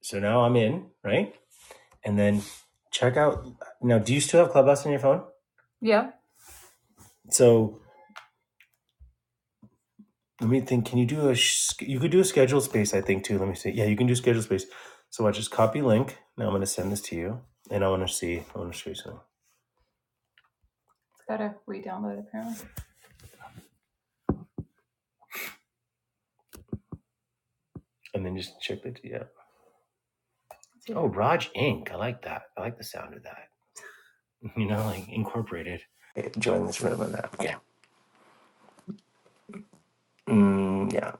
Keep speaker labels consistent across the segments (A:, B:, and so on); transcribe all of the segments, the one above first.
A: So now I'm in, right? And then check out. Now, do you still have Clubhouse on your phone? Yeah. So let me think. Can you do a? You could do a schedule space, I think too. Let me see. Yeah, you can do schedule space. So I just copy link. Now I'm going to send this to you, and I want to see. I want to show you something, It's gotta re-download apparently. and then just check it. Yeah. Oh, Raj Inc. I like that. I like the sound of that. You know, like incorporated. Hey, Join this room on that. Yeah. Mm, yeah.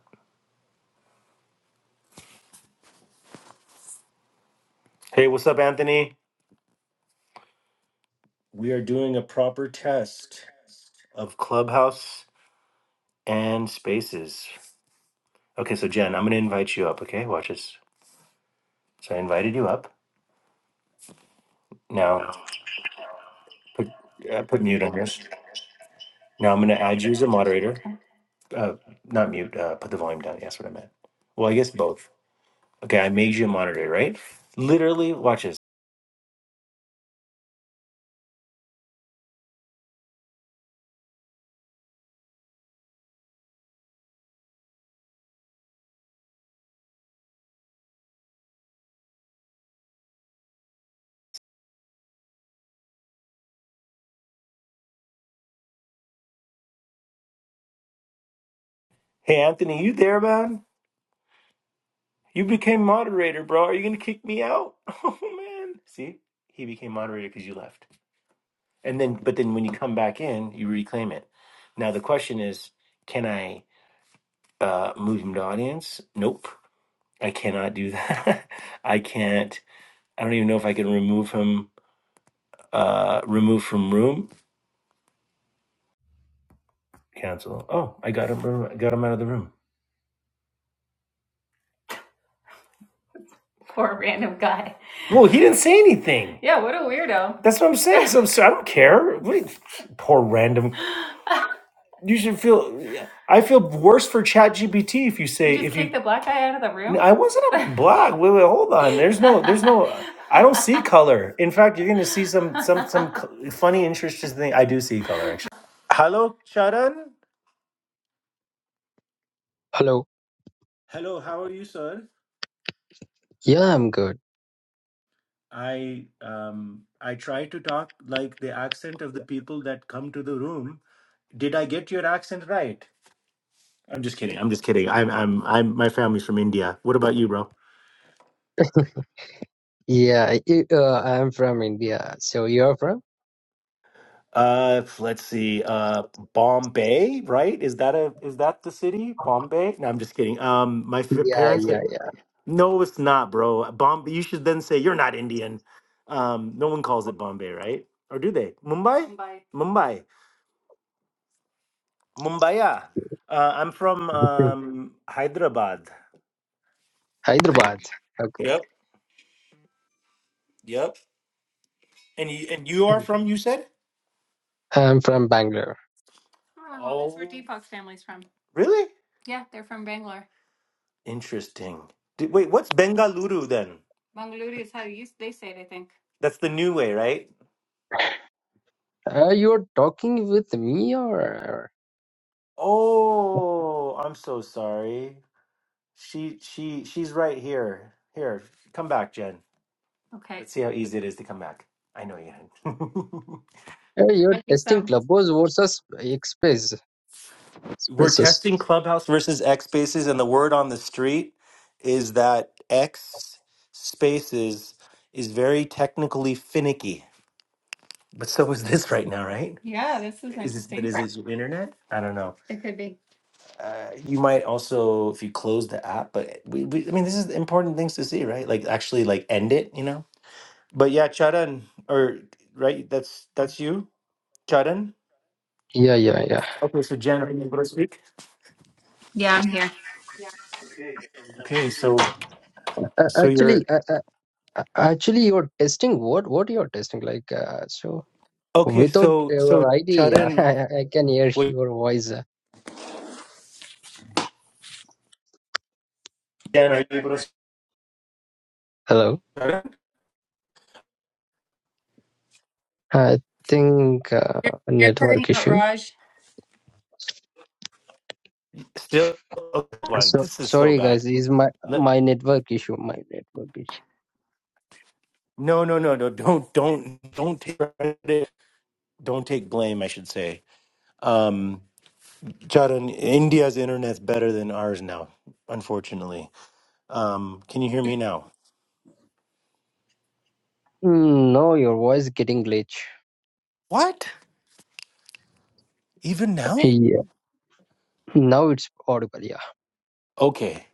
A: Hey, what's up, Anthony? We are doing a proper test. of Clubhouse and Spaces. Okay, so Jen, I'm going to invite you up. Okay, watch this. So I invited you up. Now,
B: Yeah.
A: put uh, put mute
B: Mute.
A: on this. Now I'm going to add you as a moderator. Uh, not mute. Uh, put the volume down. Yeah, That's what I meant. Well, I guess both. Okay, I made you a moderator, right? Literally, watch this. Hey, Anthony, you there, man? You became moderator, bro. Are you going to kick me out? Oh man. See, he became moderator because you left. and then but then when you come back in, you reclaim it. Now the question is, can I uh, move him to audience? Nope, I cannot do that. I can't. I don't even know if I can remove him. Uh, remove from room. Cancel. Oh, I got him. Got him out of the room. Poor random guy. Well, he didn't say anything. Yeah, what a weirdo. That's what I'm saying. So, so I don't care. What, poor random. You should feel. I feel worse for ChatGPT if you say just if kicked you. take the black guy out of the room? I wasn't a black. Wait, wait, hold on. There's no. There's no. I don't see color. In fact, you're gonna see some some some funny interesting thing. I do see color actually. Hello, Sharan.
C: Hello.
A: Hello, how are you, sir?
C: Yeah, I'm good.
A: I um I try to talk like the accent of the people that come to the room. Did I get your accent right? I'm just kidding. I'm just kidding. I'm I'm I'm my family's from India. What about you, bro?
C: Yeah, I- uh, I'm from India. So you're from?
A: Uh, let's see. Uh, Bombay, right? Is that a is that the city? Bombay? No, I'm just kidding. Um, my f-
C: Yeah,
A: parents.
C: yeah,
A: No, it's not, bro. Bombay. You should then say you're not Indian. Um, no one calls it Bombay, right? Or do they? Mumbai. Mumbai. Mumbai. Mumbaya. Uh, I'm from
C: yeah.
A: um Hyderabad.
C: Hyderabad. Okay.
A: Yep. Yep. And you and you are from? You said.
C: I'm from Bangalore.
A: Oh, that's where Oh. Deepak's family's from. Really? Yeah, they're from Bangalore. Interesting. Did, wait, what's Bengaluru then? Bangalore is how you, they say it, I think. That's the new way, right?
C: Uh, you're talking with me or
A: Oh, I'm so sorry. She she she's right here. Here, come back, Jen. Okay. Let's see how easy it is to come back. I know you. can.
C: uh,
A: There
C: you're
A: might be
C: testing
A: some.
C: Clubhouse versus Express?
A: We're
C: Expresses.
A: testing Clubhouse versus X Spaces, and the word on the street is that X Spaces is very technically finicky. But so is this right now, right? Yeah, this is Is this, but interesting. is it your internet? I don't know. It could be. Uh, you might also, if you close the app, but we, we, I mean, this is important things to see, right? Like actually, like end it, you know. But yeah, Charan, or right? That's that's you, Charan.
C: Yeah, yeah, yeah.
A: Okay, so Jen, are you able to speak?
B: Yeah, I'm here.
A: Okay, so
C: Uh,
A: so you're
C: actually, uh, uh, uh, actually, you're testing what? What you're testing? Like, uh, so
A: okay.
C: without
A: So so
C: your ID,
A: Charan,
C: I I can hear
A: wait,
C: your voice.
B: Jen, are you able to?
C: Hello.
A: Charan,
C: I think uh,
B: You're, you're cutting
C: network
B: out,
C: issue.
B: Raj,
A: still okay, one.
C: So
A: This is so
C: sorry guys,
A: bad.
C: is my
A: Let,
C: my network issue. My network issue.
A: no, no, no, no. Don't don't don't take credit. don't take blame, I should say. Um, Charan, India's internet's better than ours now, unfortunately. Um, can you hear me now?
C: Mm, No, your voice getting glitch.
A: What? Even now?
C: Yeah. Now it's audible. Yeah.
A: Okay.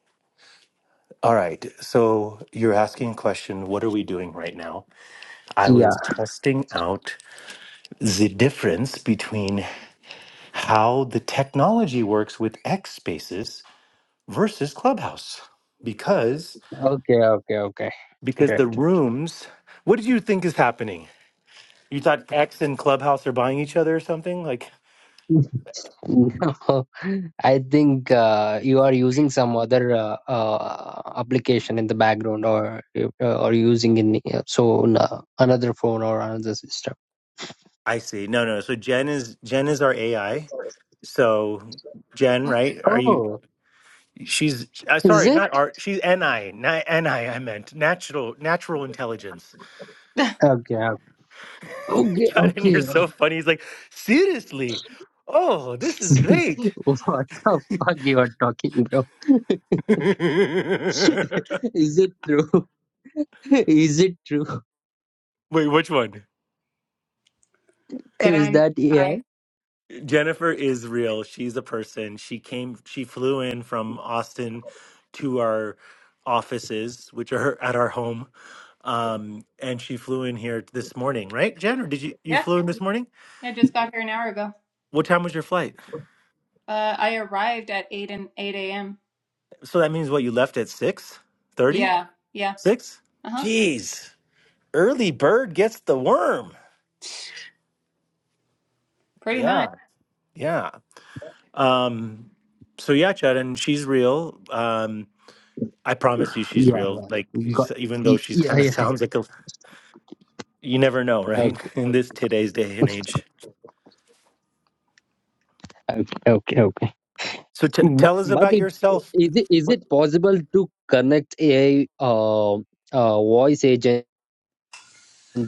A: All right. So you're asking a question. What are we doing right now? I
C: Yeah.
A: was testing out the difference between how the technology works with X Spaces versus Clubhouse, because
C: Okay. Okay. Okay.
A: because the
C: Great.
A: rooms. What do you think is happening? You thought X and Clubhouse are buying each other or something? Like
C: No, I think uh, you are using some other uh, uh, application in the background, or you- uh, or using in uh, so uh, another phone or another system.
A: I see. No, no. So Jen is Jen is our AI. So Jen, right? Are you?
C: Oh,
A: She's uh,
C: is
A: sorry,
C: it?
A: not art. She's NI, not NI. I I meant natural natural intelligence.
C: Okay, okay, okay,
A: John, and you're
C: okay.
A: so funny. He's like, seriously. Oh, this is great.
C: what the fuck you are talking, bro?
A: Wait,
C: Is it true? Is it true?
A: which one?
B: that
C: Is
B: I'm
C: that AI?
B: I.
A: Jennifer is real. She's a person. She came, she flew in from Austin to our offices, which are at our home. Um, and she flew in here this morning, right, Jen? Or did you you
B: Yeah.
A: flew in this morning?
B: I just got here an hour ago.
A: What time was your flight?
B: Uh, I arrived at 8 and 8 a.m.
A: So that means what you left at six thirty?
B: Yeah, yeah.
A: Six?
B: Uh-huh.
A: Jeez, early bird gets the worm.
B: Pretty much.
A: Yeah, yeah. Um, so yeah, Chad, and she's real. Um, I promise you, she's
C: Yeah,
A: real. Like
C: yeah. Got,
A: he's- even though
C: y-
A: she's
C: yeah,
A: kind of
C: yeah.
A: sounds like a You never know, right?
C: Okay,
A: In this today's day and age.
C: okay, okay, okay.
A: So t-
C: But
A: tell us
C: but
A: about
C: it's
A: yourself.
C: is it is
A: What
C: it possible to connect AI uh, uh voice agent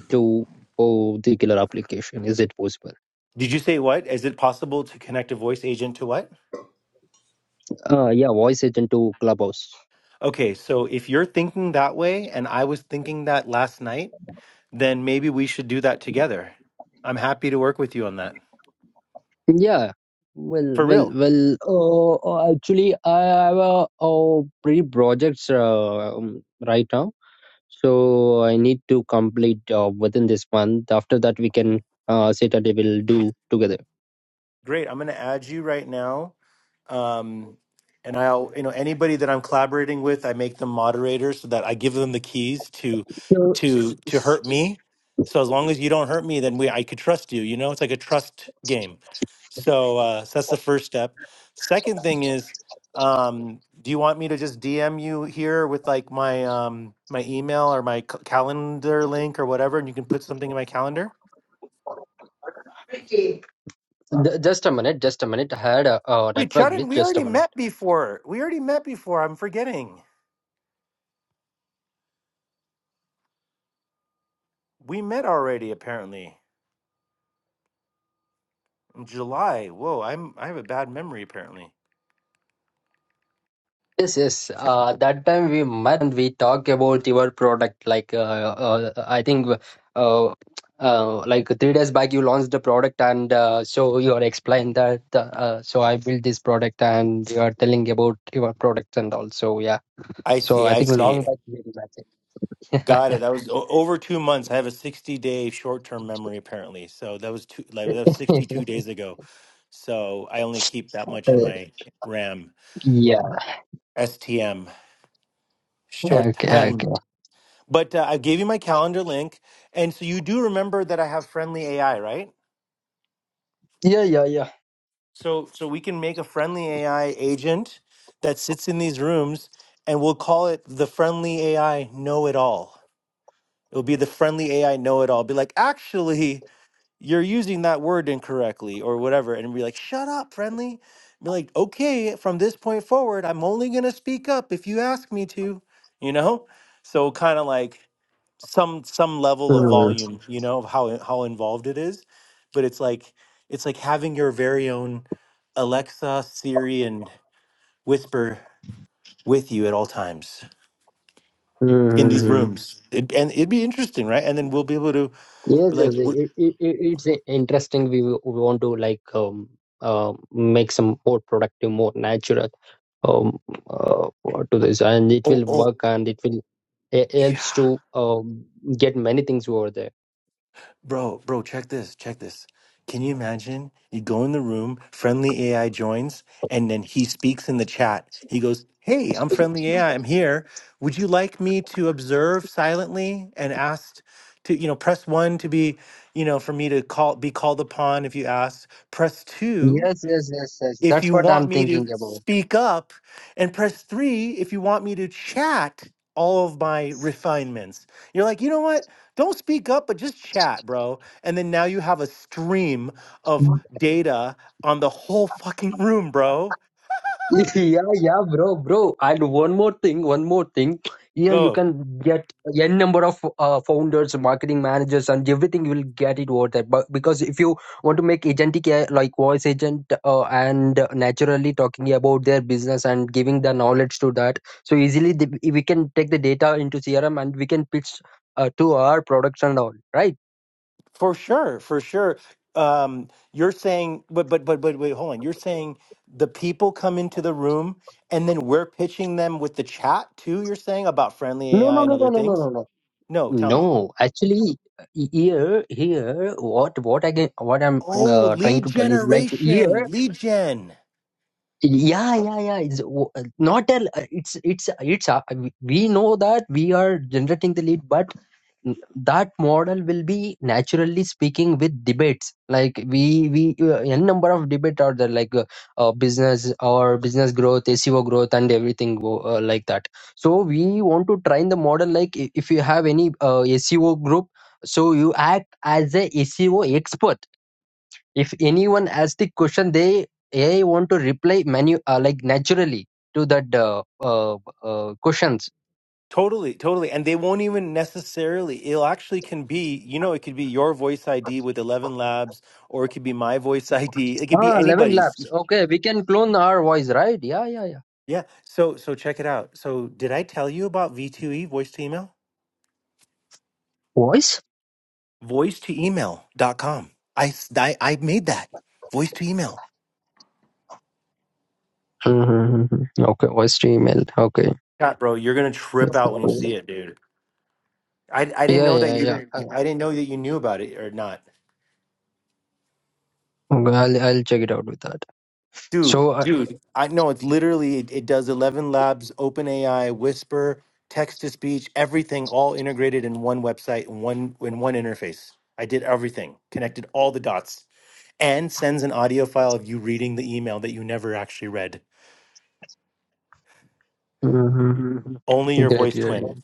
C: to oh, the killer application? Is it possible?
A: did you say? What is it possible to connect a voice agent to what?
C: Uh yeah, voice agent to Clubhouse.
A: Okay, so if you're thinking that way and I was thinking that last night, then maybe we should do that together. I'm happy to work with you on that.
C: Yeah. Well,
A: For
C: well,
A: real.
C: well. Uh, uh, actually, I have a, uh pre projects uh, um, right now, so I need to complete uh, within this month. After that, we can uh, sit and we will do together.
A: Great. I'm going to add you right now. Um, and I'll, you know, anybody that I'm collaborating with, I make them moderators so that I give them the keys to,
C: So,
A: to,
C: s-
A: to
C: s-
A: hurt me. So as long as you don't hurt me, then we, I could trust you, you know, it's like a trust game. So, uh, so that's the first step. Second thing is, um, do you want me to just DM you here with like my, um, my email or my c- calendar link or whatever, and you can put something in my calendar?
C: Ju- just a minute. Just a minute. I had a, a
A: Wait,
C: network
A: Chadden,
C: glitch.
A: we
C: Just a
A: already
C: minute.
A: met before. We already met before. I'm forgetting. We met already apparently in July. Whoa, I'm I have a bad memory apparently.
C: Yes, yes. Uh, that time we met and we talked about your product. Like, uh, uh, I think, uh, uh, like three days back, you launched the product, and uh, so you are explained that. Uh, so I built this product, and you are telling about your product and also, yeah.
A: I
C: So
A: see.
C: I
A: I
C: think long
A: see.
C: back we met.
A: Got it. That was o- over two months. I have a 60 day short term memory apparently. So that was two like that was 62 days ago. So I only keep that much in my RAM.
C: yeah.
A: STM short
C: Okay. Okay.
A: term. But uh, I gave you my calendar link, and so you do remember that I have friendly AI, right?
C: Yeah. Yeah. Yeah.
A: So so we can make a friendly AI agent that sits in these rooms and we'll call it the friendly AI know it all. It'll be the friendly AI know it all. Be like, actually, you're using that word incorrectly or whatever and be like shut up friendly be like okay from this point forward i'm only going to speak up if you ask me to you know so kind of like some some level of
C: Hmm.
A: volume you know of how how involved it is but it's like it's like having your very own alexa siri and whisper with you at all times
C: Hmm,
A: in
C: hmm,
A: these
C: hmm.
A: rooms it, and it'd be interesting right and then we'll be able to
C: Yes,
A: be like
C: yes,
A: "What-
C: it, it, it- it's i- interesting. We, w- we want to like um, uh, make some more productive, more natural um, uh, to this, and it
A: oh
C: will
A: oh
C: work, and it will it helps
A: yeah
C: to um, get many things over there.
A: Bro, bro, check this, check this. Can you imagine? You go in the room, friendly AI joins, and then he speaks in the chat. He goes, Hey, I'm friendly AI, I'm here. Would you like me to observe silently and asked to, you know, press one to be, you know, for me to call be called upon if you ask. Press two
C: Yes, yes, yes, yes.
A: if
C: That's
A: you
C: what
A: want
C: I'm
A: me to
C: thinking about.
A: speak up, and press three if you want me to chat all of my refinements. You're like, you know what? Don't speak up, but just chat, bro. And then now you have a stream of data on the whole fucking room, bro.
C: Yeah, yeah, bro, bro. And one more thing, one more thing. Here you
A: Go
C: can get n number of uh, founders, marketing managers, and everything. You will get it over that. But because if you want to make agentic AI, like voice agent uh, and naturally talking about their business and giving the knowledge to that, so easily the, we can take the data into CRM and we can pitch uh, to our products and all. Right?
A: for sure, for sure. Um, you're saying, but but but but wait, hold on. You're saying the people come into the room and then we're pitching them with the chat too. You're saying about friendly
C: No,
A: AI
C: no,
A: and
C: no, no,
A: other
C: no, no,
A: things.
C: no, no.
A: No, tell me.
C: No, actually, here, here, what, what I get, what I'm
A: Oh,
C: uh, trying
A: lead
C: to tell is like here,
A: generation, lead gen.
C: yeah, yeah, yeah. It's w- not a, it's, it's, it's. A, we know that we are generating the lead, but n- that model will be naturally speaking with debates like we we uh, n number of debate are there like uh, uh, business or business growth seo growth and everything go- uh, like that so we want to train the model like i- if you have any uh, seo group so you act as a seo expert if anyone asks the question they ai want to reply manu uh, like naturally to that uh, uh, uh, questions
A: Totally, totally. And they won't even necessarily, it'll actually can be, you know, it could be your voice ID with 11 labs, or it could be my voice ID. It could be
C: Ah, 11
A: anybody's.
C: laps. Okay, we can clone our voice, right? Yeah, yeah, yeah.
A: Yeah. So, so check it out. So did I tell you about V2E, voice to email?
C: Voice?
A: Voice to email dot email.com. I, s- I, I made that voice to email.
C: Mm-hmm. Okay, voice to email. Okay.
A: God, bro, you're going to trip out when you see
C: Yeah,
A: it, dude. I, I didn't know that
C: yeah, yeah.
A: you,
C: Uh,
A: I didn't know that you knew about it or not.
C: Okay, I'll, I'll check it out with that.
A: Dude,
C: So, uh,
A: dude, I know it's literally it, it does Eleven Labs, OpenAI, Whisper, text to speech, everything all integrated in one website and one in one interface. I did everything, connected all the dots, and sends an audio file of you reading the email that you never actually read. Only
C: mm-hmm.
A: your
C: great,
A: voice
C: great.
A: twin,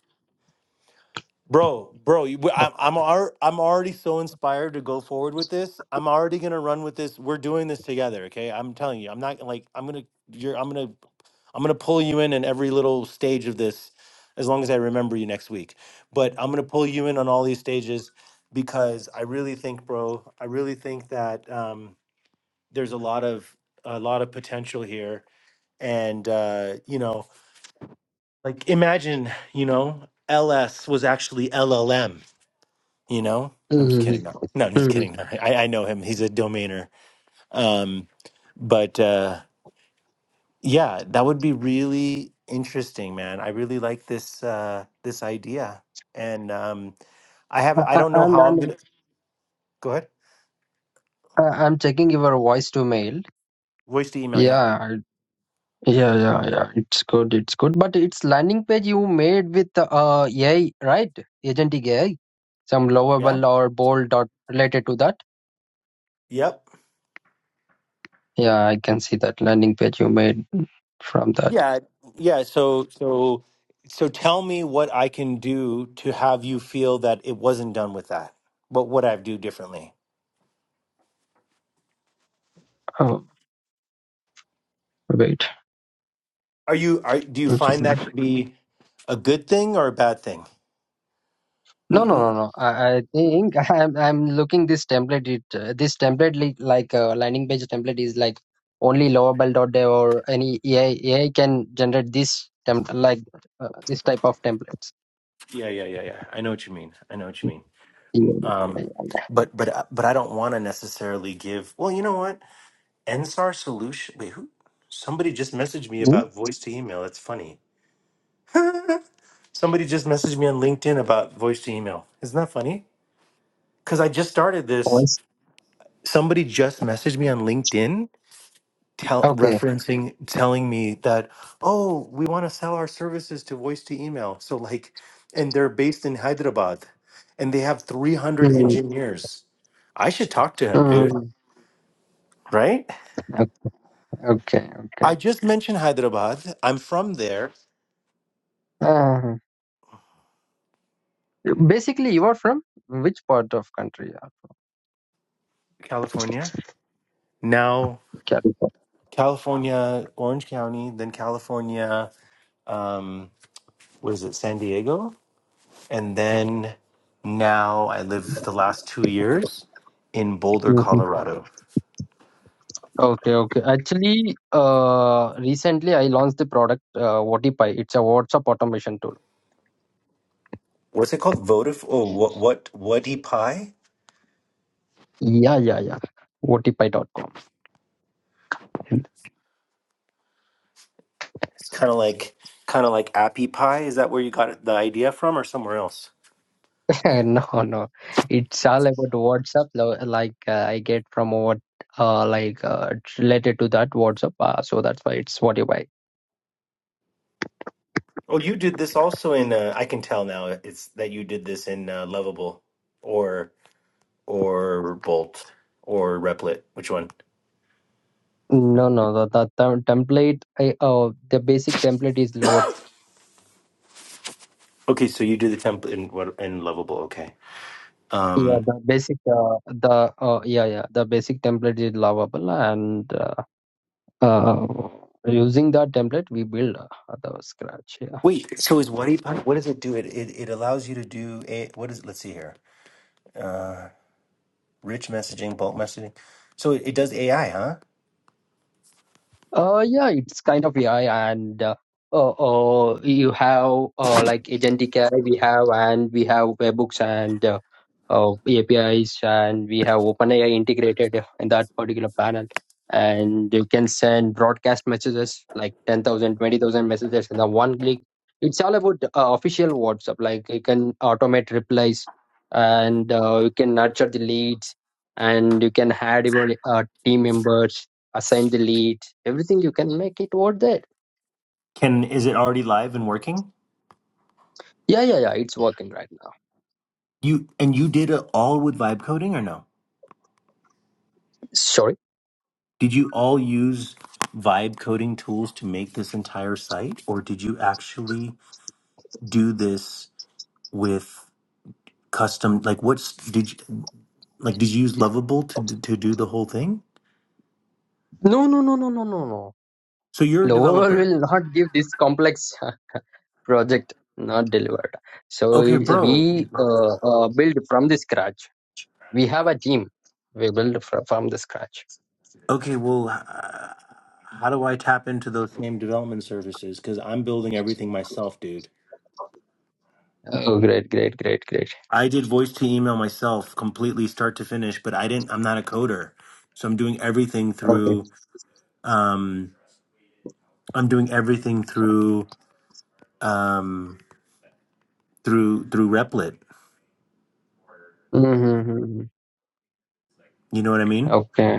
A: bro, bro. You, I, I'm ar- I'm already so inspired to go forward with this. I'm already gonna run with this. We're doing this together, okay? I'm telling you, I'm not like I'm gonna. You're. I'm gonna. I'm gonna pull you in in every little stage of this, as long as I remember you next week. But I'm gonna pull you in on all these stages because I really think, bro, I really think that um, there's a lot of a lot of potential here, and uh, you know, like imagine, you know, LS was actually LLM. You know, I'm just
C: Mm-hmm.
A: kidding. No, no I'm just
C: Mm-hmm.
A: kidding. I I know him. He's a domainer. Um, but. Uh, Yeah, that would be really interesting, man. I really like this uh this idea. And um I have
C: I,
A: I
C: I,
A: don't know
C: and,
A: how I'm
C: and
A: gonna go ahead.
C: I, I'm checking your voice to mail.
A: Voice to email,
C: Yeah,
A: yeah.
C: I- yeah, yeah, yeah. It's good, it's good. But it's landing page you made with uh AI, right? Agentic AI, some
A: Yeah.
C: lovable or bold dot related to that.
A: Yep.
C: Yeah, I can see that landing page you made from that.
A: Yeah. Yeah. So so so tell me what I can do to have you feel that it wasn't done with that. What would I do differently?
C: Oh, wait.
A: Are you are do you
C: i
A: find that to be a good thing or a bad thing?
C: No,
A: Mm,
C: no, no,
A: mm.
C: no. I, I think I'm I'm looking this template. It uh, this template li- like uh, landing page template is like only Laravel.dev or any AI AI can generate this template like uh, this type of templates.
A: Yeah, yeah, yeah, yeah. I know what you mean. I know what you mean.
C: Yeah. yeah.
A: Um, but but uh, but I don't want to necessarily give. Well, you know what? NSAR solution. Wait, who? Somebody just messaged me
C: Hmm?
A: about voice to email. That's funny. Somebody just messaged me on LinkedIn about voice to email. Isn't that funny? Because I just started this.
C: Voice.
A: Somebody just messaged me on LinkedIn, tell
C: Okay.
A: referencing, telling me that oh, we want to sell our services to voice to email. So like, and they're based in Hyderabad, and they have three hundred
C: Mm,
A: engineers. I should talk to him, dude.
C: mm,
A: right?
C: Okay. Okay. okay.
A: I just mentioned Hyderabad. I'm from there,
C: Uh, basically, you are from which part of country? Yeah.
A: California. Now, California, Orange County, then California, um, what is it, San Diego? And then now I live the last two years in Boulder,
C: California.
A: Colorado.
C: Okay, okay. Actually, uh, recently I launched the product uh, OTPy. It's a WhatsApp automation tool.
A: What's it called? Vodaf Oh, what what Whatty Pie?
C: Yeah, yeah, yeah. WhatsApp. dot com.
A: It's kind of like kind of like Appy Pie. Is that where you got the idea from, or somewhere else?
C: no, no. It's all about WhatsApp. lo- Like uh, I get from what, uh, like uh, it's related to that WhatsApp. Uh, so that's why it's WhatsApp.
A: Oh, you did this also in. Uh, I can tell now. It's that you did this in uh, Lovable, or or Bolt, or Replit. Which one?
C: No, no. The, the, the template. I, uh, the basic template is lower.
A: Okay, so you do the template in what in Lovable. Okay.
C: Yeah,
A: Um.
C: the basic. Uh, the uh, yeah, yeah. The basic template is lovable and. Uh, uh, using that template we build uh, the scratch yeah
A: Wait. So is What What does it do? It it, it allows you to do a. What is? Let's see here. Uh, rich messaging, bulk messaging. So it, it does AI, huh?
C: Uh, yeah, it's kind of AI, and uh, uh, uh, you have uh, like agentic AI we have, and we have webhooks and uh, uh, APIs, and we have OpenAI integrated in that particular panel. And you can send broadcast messages like 10,000 20,000 messages in the one click. It's all about uh, official WhatsApp. Like you can automate replies, and uh, you can nurture the leads, and you can add your uh, team members assign the lead. everything you can make it worth that
A: Can is it already live and working?
C: yeah yeah yeah it's working right now
A: You and you did it all with vibe coding or no?
C: sorry
A: Did you all use vibe coding tools to make this entire site, or did you actually do this with custom? Like, what's did you like? Did you use Lovable to d- to do the whole thing?
C: no no no no no no no
A: So you're a
C: lower
A: developer,
C: will not give this complex project not delivered so
A: okay,
C: it,
A: bro?
C: we uh, uh, build from the scratch we have a team we build fr- from the scratch
A: Okay, well, uh, how do I tap into those same development services? Because I'm building everything myself, dude.
C: oh great great great great
A: I did voice to email myself completely, start to finish, but I didn't. I'm not a coder, so I'm doing everything
C: okay
A: through. Um, I'm doing everything through um through through Replit.
C: mm-hmm. mm-hmm, mm-hmm.
A: You know what I mean?
C: okay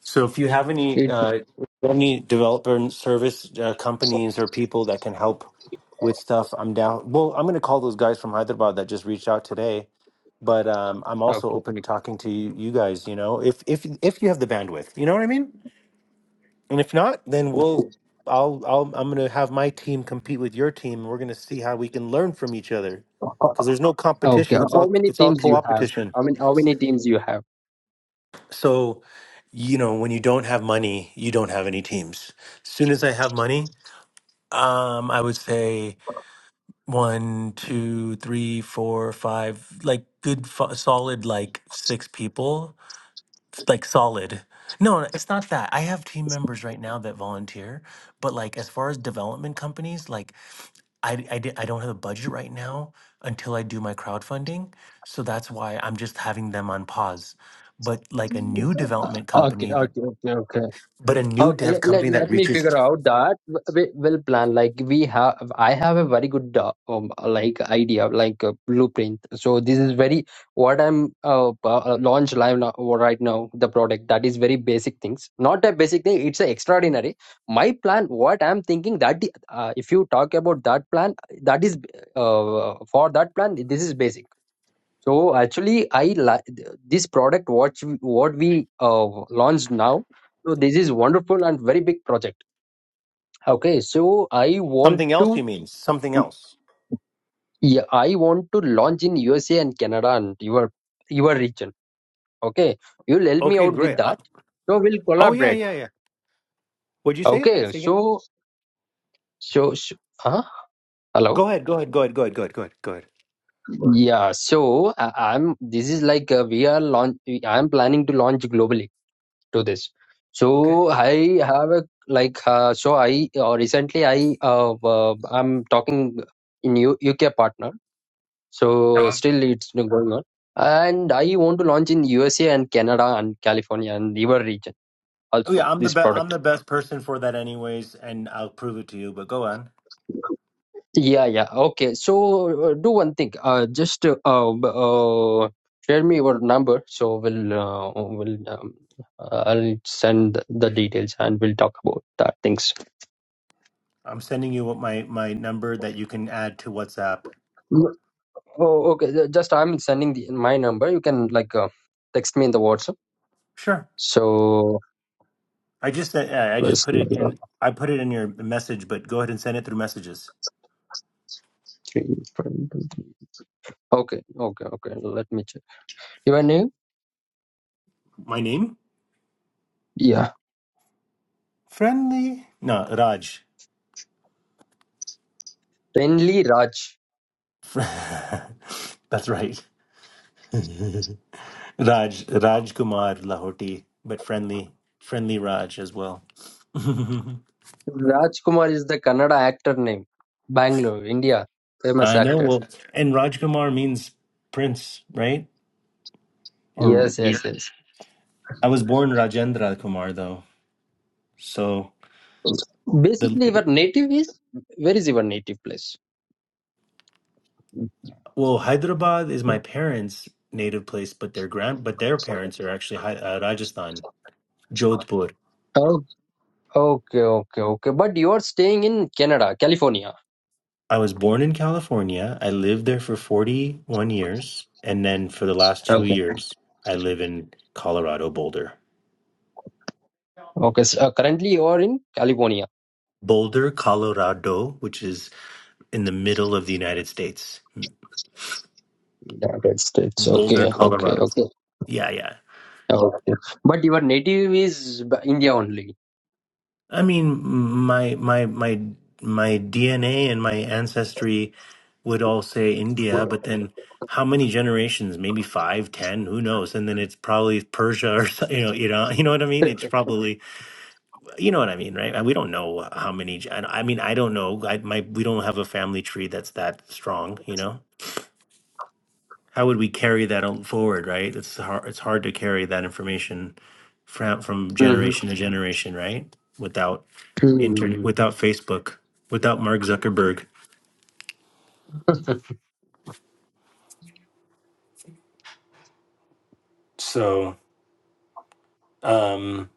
A: So if you have any
C: it,
A: uh any developer and service uh, companies or people that can help with stuff, I'm down. Well, I'm going to call those guys from Hyderabad that just reached out today, but um I'm also
C: okay
A: open to talking to you, you guys, you know, if if if you have the bandwidth. You know what I mean? And if not, then we'll I'll I'll I'm gonna have my team compete with your team, and we're gonna see how we can learn from each other. Because there's no
C: okay
A: competition; it's
C: how
A: all
C: many
A: it's all
C: teams you have
A: co-opetition.
C: how many how many teams you have
A: So, you know, when you don't have money, you don't have any teams. As soon as I have money, um, I would say one, two, three, four, five, like good, fo- solid, like six people, It's like solid. No, it's not that. I have team members right now that volunteer, but like as far as development companies, like. I I di I don't have a budget right now until I do my crowdfunding, so that's why I'm just having them on pause. But like a new
C: Uh,
A: development
C: okay
A: company that,
C: okay okay okay
A: but a new
C: Okay,
A: dev
C: let, let,
A: company that
C: let me
A: reaches
C: figure out that w- we will plan like we have I have a very good uh, um like idea like a blueprint so this is very what I'm uh, uh launch live now right now the product that is very basic things not a basic thing it's a extraordinary my plan what I'm thinking that uh, if you talk about that plan that is uh, for that plan this is basic so actually, I like this product. What you- what we uh, launched now. So this is wonderful and very big project. Okay, so I want
A: something else,
C: to
A: you mean something else?
C: yeah, I want to launch in USA and Canada and your your region. Okay, you'll help me
A: Okay,
C: out with
A: great. Uh,
C: that. So we'll
A: oh yeah,
C: collaborate.
A: yeah, yeah. What'd you say?
C: Okay,
A: Say again.
C: so so, so huh? hello.
A: Go ahead. Go ahead. Go ahead. Go ahead. Go ahead. Go ahead. Go ahead.
C: Yeah, so I, I'm. This is like uh, we are launch. I'm planning to launch globally to this.
A: Okay.
C: So I have a like uh, so I uh, recently I uh, uh, I'm talking in U- UK partner. So
A: Uh-huh.
C: still it's going on, and I want to launch in USA and Canada and California and river region
A: Oh
C: also
A: yeah, I'm the
C: this
A: be- I'm
C: product.
A: the best person for that, anyways, and I'll prove it to you. But go on.
C: Yeah, yeah. Okay. So uh, do one thing. Uh, just uh, um, uh, share me your number. So we'll uh, we'll um, uh, I'll send the details and we'll talk about that things.
A: I'm sending you what my my number that you can add to WhatsApp.
C: Oh, okay. ju- Just I'm sending the, my number. You can like uh, text me in the WhatsApp.
A: Sure.
C: So
A: I just uh, yeah, I just
C: plus
A: put it in.
C: three.
A: I put it in your message, but go ahead and send it through messages.
C: five, two, three. Okay, okay, okay. Let me check. Your name?
A: My name,
C: Yeah,
A: friendly. No, Raj.
C: Penli Raj.
A: Fr- That's right. Raj Raj Kumar Lahoti, but friendly, friendly Raj as well. I
C: Raj Kumar is the Kannada actor name. Bangalore, India, famous
A: know.
C: actor.
A: Well, and Raj Kumar means prince, right? Or
C: Yes, yes, yes.
A: I was born Rajendra Kumar though, so
C: Basically,
A: the
C: your native is where is your native place?
A: Well, Hyderabad is my parents' native place, but their grand but their parents are actually Hy- uh, Rajasthan, Jodhpur.
C: Oh, okay, okay, okay. But you are staying in Canada, California.
A: I was born in California. I lived there for 41 years, and then for the last 2 years I live in Colorado Boulder.
C: Okay, so uh, currently you are in California,
A: Boulder, Colorado, which is in the middle of the United States.
C: United States.
A: Boulder,
C: Okay, okay,
A: Colorado.
C: okay,
A: Yeah, yeah.
C: okay. But your native is Ba- India only.
A: I mean, my my my my DNA and my ancestry would all say India, but then how many generations? Maybe five, ten, who knows? And then it's probably Persia or so- you know, you know, you know what I mean? It's probably you know what I mean, right? We don't know how many. gen- I mean, I don't know. I my we don't have a family tree that's that strong, you know how would we carry that on forward, right? It's hard. It's hard to carry that information from from
C: Mm-hmm.
A: generation to generation, right? Without internet,
C: hmm
A: without Facebook, without Mark Zuckerberg. So, um,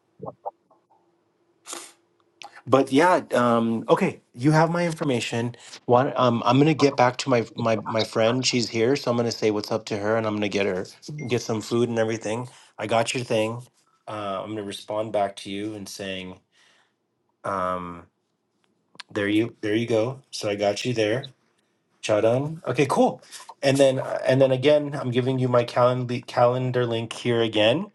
A: but yeah, um, okay, you have my information. One, um, I'm gonna get back to my my my friend. She's here, so I'm gonna say what's up to her, and I'm gonna get her get some food and everything. I got your thing. Uh, I'm gonna respond back to you and saying. Um, there you there you go so i got you there Cha Done. okay cool and then and then again i'm giving you my calendar calendar link here again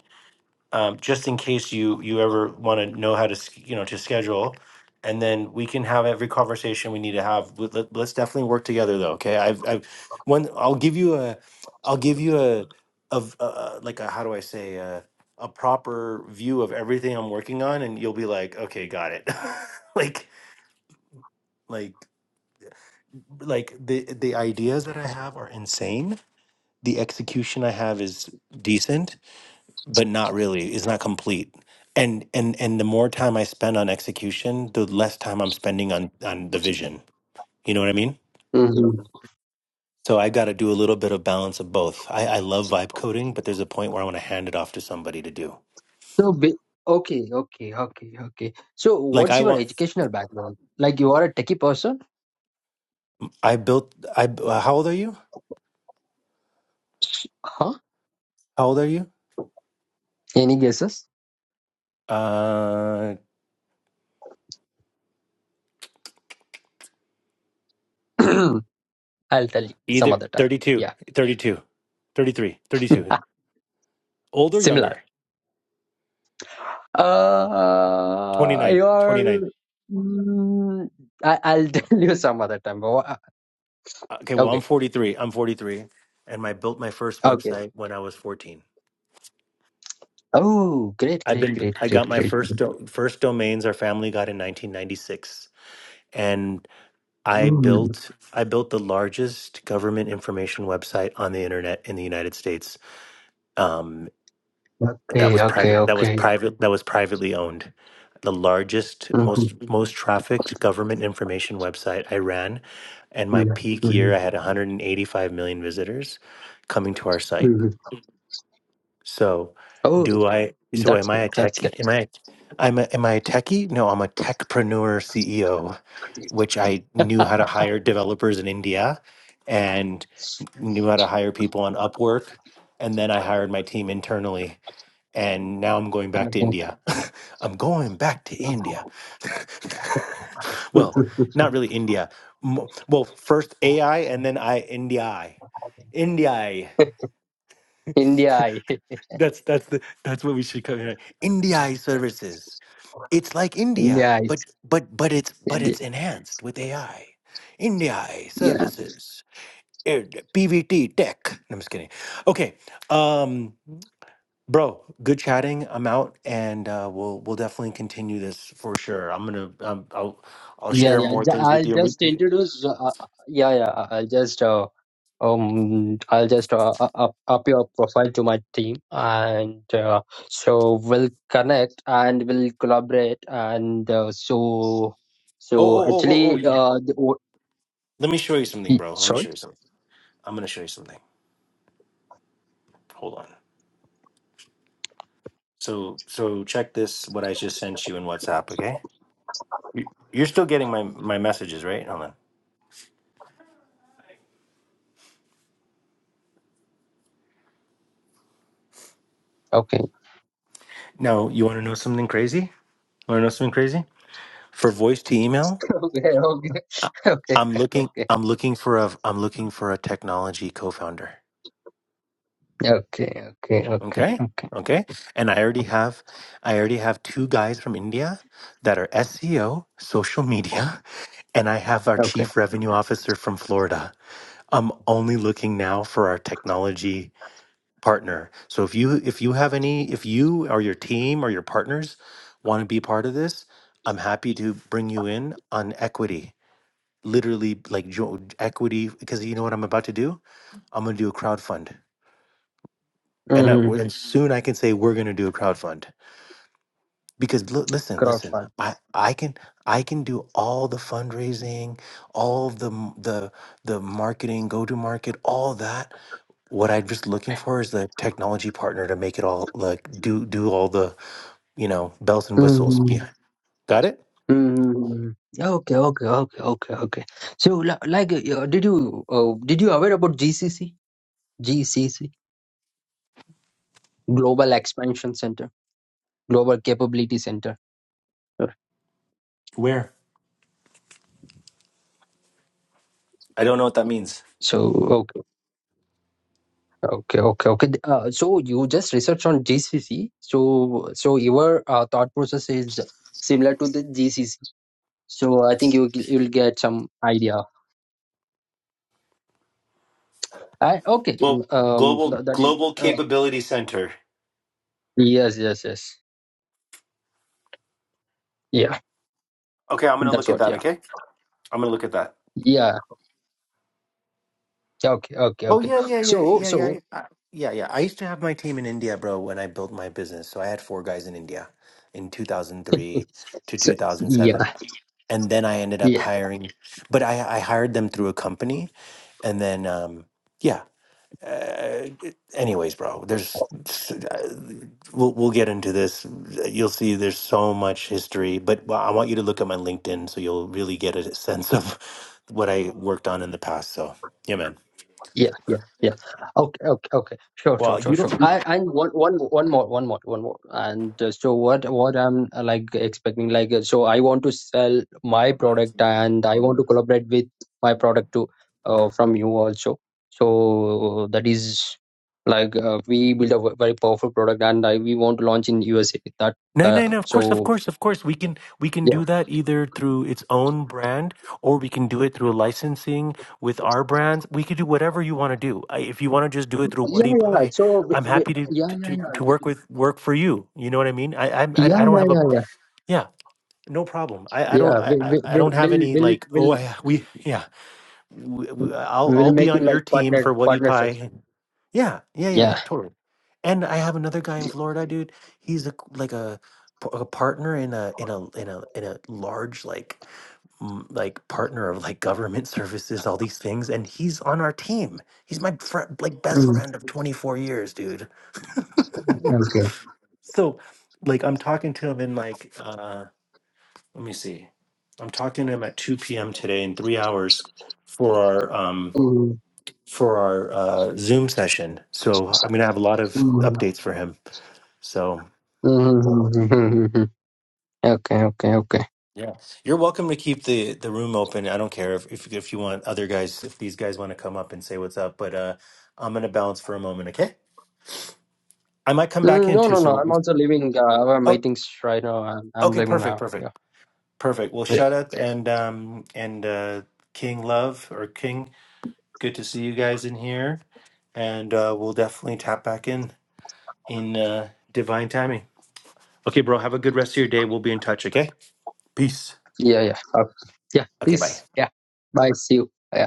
A: um, just in case you you ever want to know how to sch- you know to schedule and then we can have every conversation we need to have Let- let- let's definitely work together though okay i've i've one i'll give you a i'll give you a of uh, uh, like a how do i say uh a proper view of everything I'm working on, and you'll be like, okay, got it. like, like like the the ideas that I have are insane. The execution I have is decent, but not really. It's not complete. And and and the more time I spend on execution, the less time I'm spending on on the vision. You know what I mean?
C: hmm
A: So I got to do a little bit of balance of both. I, I love vibe coding, but there's a point where I want to hand it off to somebody to do.
C: So, ba- okay, okay, okay, okay. So,
A: Like
C: what's
A: I
C: your
A: want,
C: educational background? Like, you are a techie person?
A: I built. I uh, how old are you?
C: Huh?
A: How old are you?
C: Any guesses?
A: Uh,
C: I'll tell you some
A: either
C: other time.
A: thirty two,
C: Yeah,
A: thirty two, thirty three, thirty two. 32, Old or
C: similar.
A: younger?
C: Uh,
A: 29 29
C: you're. Mm, I, I'll tell you some other time. Wha-
A: okay well i'm
C: Okay.
A: 43 i'm 43 and i built my first
C: Okay.
A: website when i was 14
C: Oh, great,
A: i've
C: great,
A: been
C: great,
A: i
C: great,
A: got my
C: great.
A: first
C: great.
A: do- first domains our family got in 1996 and i
C: Mm.
A: built i built the largest government information website on the internet in the united states Um, that
C: Okay,
A: was
C: okay,
A: private that was
C: okay.
A: private that was privately owned the largest most
C: Mhm,
A: most trafficked government information website i ran and my
C: mhm,
A: peak
C: mhm,
A: year i had 185 million visitors coming to our site
C: mhm.
A: so
C: Oh,
A: do i so
C: that's
A: am i
C: good.
A: a
C: That's
A: techie
C: good.
A: am i I'm a, am I a techie? No, I'm a techpreneur CEO, which I knew how to hire developers in India and knew how to hire people on Upwork. And then I hired my team internally and now I'm going back to
C: Okay.
A: India. I'm going back to India. well, not really India. M- Well, first AI and then I India. I. India. I.
C: India eye.
A: that's that's the that's what we should come in. India I services. It's like
C: India
A: India, but
C: eyes.
A: but but it's but
C: Indi-
A: it's enhanced with AI. India I
C: Yeah,
A: services. eh, PVT tech. No, I'm just kidding. Okay. Um Bro, good chatting. I'm out, and uh, we'll we'll definitely continue this for sure. I'm gonna um, I'll I'll
C: yeah,
A: share
C: yeah.
A: more
C: Ju-
A: things with
C: I'll
A: you. and we-
C: just
A: we-
C: introduce. Uh, uh, yeah, yeah. I'll just. uh, Um, I'll just uh, u- up up your profile to my team, and uh, so we'll connect and we'll collaborate. And uh, so,
A: Oh
C: so
A: oh oh oh oh!
C: actually,
A: you-
C: uh, the, o-
A: Let me show you something,
C: y-
A: bro. Let me
C: sorry.
A: show you something. I'm gonna show you something. Hold on. So so check this. What I just sent you in WhatsApp. Okay. You- You're still getting my my messages, right? Hold on.
C: Okay.
A: Now you want to know something crazy? Want to know something crazy? For voice to email,
C: okay.
A: I-
C: Okay.
A: I'm looking.
C: Okay.
A: I'm looking for a. I'm looking for a technology co-founder.
C: Okay. Okay. Okay. Okay.
A: Okay.
C: Okay.
A: Okay. And I already have I already have two guys from India that are SEO, social media, and I have our
C: Okay.
A: chief revenue officer from Florida. I'm only looking now for our technology partner. So if you if you have any if you or your team or your partners want to be part of this, I'm happy to bring you in on equity. Literally like jo- equity because you know what I'm about to do? I'm going to do a crowdfund. And, that-
C: Mm-hmm.
A: and soon I can say we're going to do a crowdfund because look, listen,
C: Cross
A: listen.
C: fund.
A: I I can I can do all the fundraising, all the m- the the marketing, go to market, all that. What I'm just looking for is the technology partner to make it all like do do all the you know bells and whistles
C: Mm-hmm.
A: behind. Got it?
C: Mm-hmm. Okay. Okay. Okay. Okay. Okay. So, li- like, uh, did you uh, did you aware about GCC? GCC. global expansion center global capability center Sure.
A: Where? I don't know what that means.
C: so okay okay okay okay uh, so you just research on gcc so so your uh, thought process is similar to the gcc so i think you you'll get some idea I, okay
A: Global
C: um
A: global
C: th- that is
A: global
C: uh,
A: capability center.
C: yes yes yes yeah
A: Okay, I'm gonna
C: that's
A: look at
C: what
A: that.
C: yeah
A: Okay, I'm gonna look at that.
C: yeah okay okay
A: Oh
C: okay
A: yeah, yeah, yeah,
C: so
A: yeah, yeah,
C: so
A: yeah, I- yeah, yeah. I used to have my team in India, bro, when I built my business. So I had four guys in India in 2003 to
C: so yeah
A: 2007. And then I ended up
C: yeah
A: hiring, but I, I hired them through a company. And then, um, yeah. Uh, anyways, bro, there's, s- uh, we'll, we'll get into this. You'll see there's so much history, but I want you to look at my LinkedIn so you'll really get a sense of what I worked on in the past. So, yeah, man.
C: Yeah, yeah, yeah. Okay, okay, okay. Sure, sure,
A: Well,
C: sure,
A: you
C: sure.
A: don't.
C: I and one, one, one more, one more, one more. And uh, so what, what I'm uh, like expecting, like, uh, so I want to sell my product and I want to collaborate with my product to, uh, from you also. So that is like uh, we build a ve- very powerful product and I we want to launch in USA. That,
A: No, no,
C: uh,
A: no. Of course, of
C: so
A: course, of course. We can we can
C: yeah,
A: do that either through its own brand, or we can do it through licensing with our brands. We could do whatever you want to do. I- If you want to just do it through
C: yeah,
A: Wadi
C: yeah. yeah.
A: Pie,
C: So we,
A: I'm
C: we,
A: happy to
C: yeah,
A: to
C: yeah,
A: to
C: yeah.
A: to work with work for you. You know what I mean? I I I
C: Yeah,
A: I don't
C: yeah,
A: have a
C: yeah, yeah,
A: yeah, no problem. I I don't
C: yeah.
A: I
C: Will,
A: I
C: will,
A: I don't have
C: will,
A: any
C: will,
A: like
C: will,
A: oh I, we yeah w- w- I'll
C: We'll
A: I'll be
C: make it
A: on
C: like
A: your team
C: partner
A: for Woody
C: partnership.
A: Pie. Yeah, yeah, yeah,
C: Yeah.
A: yeah, totally. And I have another guy in Florida, dude. He's a, like a p- a partner in a in a in a in a large like m- like partner of like government services, all these things, and he's on our team. He's my friend, like best
C: Mm,
A: friend of 24 years, dude.
C: Okay.
A: So, like, I'm talking to him in like, uh, let me see, I'm talking to him at 2 p.m. today in three hours for our um
C: Mm,
A: for our uh, Zoom session. So I'm going to have a lot of
C: mm, mm,
A: updates for him. So
C: mm, mm, mm, mm. Okay. Okay. Okay.
A: yeah, you're welcome to keep the the room open. I don't care if if, if you want other guys, if these guys want to come up and say what's up. But uh, I'm going to bounce for a moment. Okay, I might come back
C: Mm,
A: in
C: No,
A: too.
C: no, no.
A: So
C: I'm also leaving uh, our
A: oh,
C: meetings right now. I'm, I'm
A: okay,
C: leaving
A: perfect,
C: now. Yeah.
A: perfect, perfect. Well,
C: Yeah.
A: shut up and um and uh, King Love or King, good to see you guys in here, and uh, we'll definitely tap back in in uh, divine timing. Okay, bro, have a good rest of your day. We'll be in touch. Okay. Peace.
C: Yeah. Yeah. Okay. Yeah.
A: Okay, bye.
C: Peace. Yeah. Bye. See you. Yeah.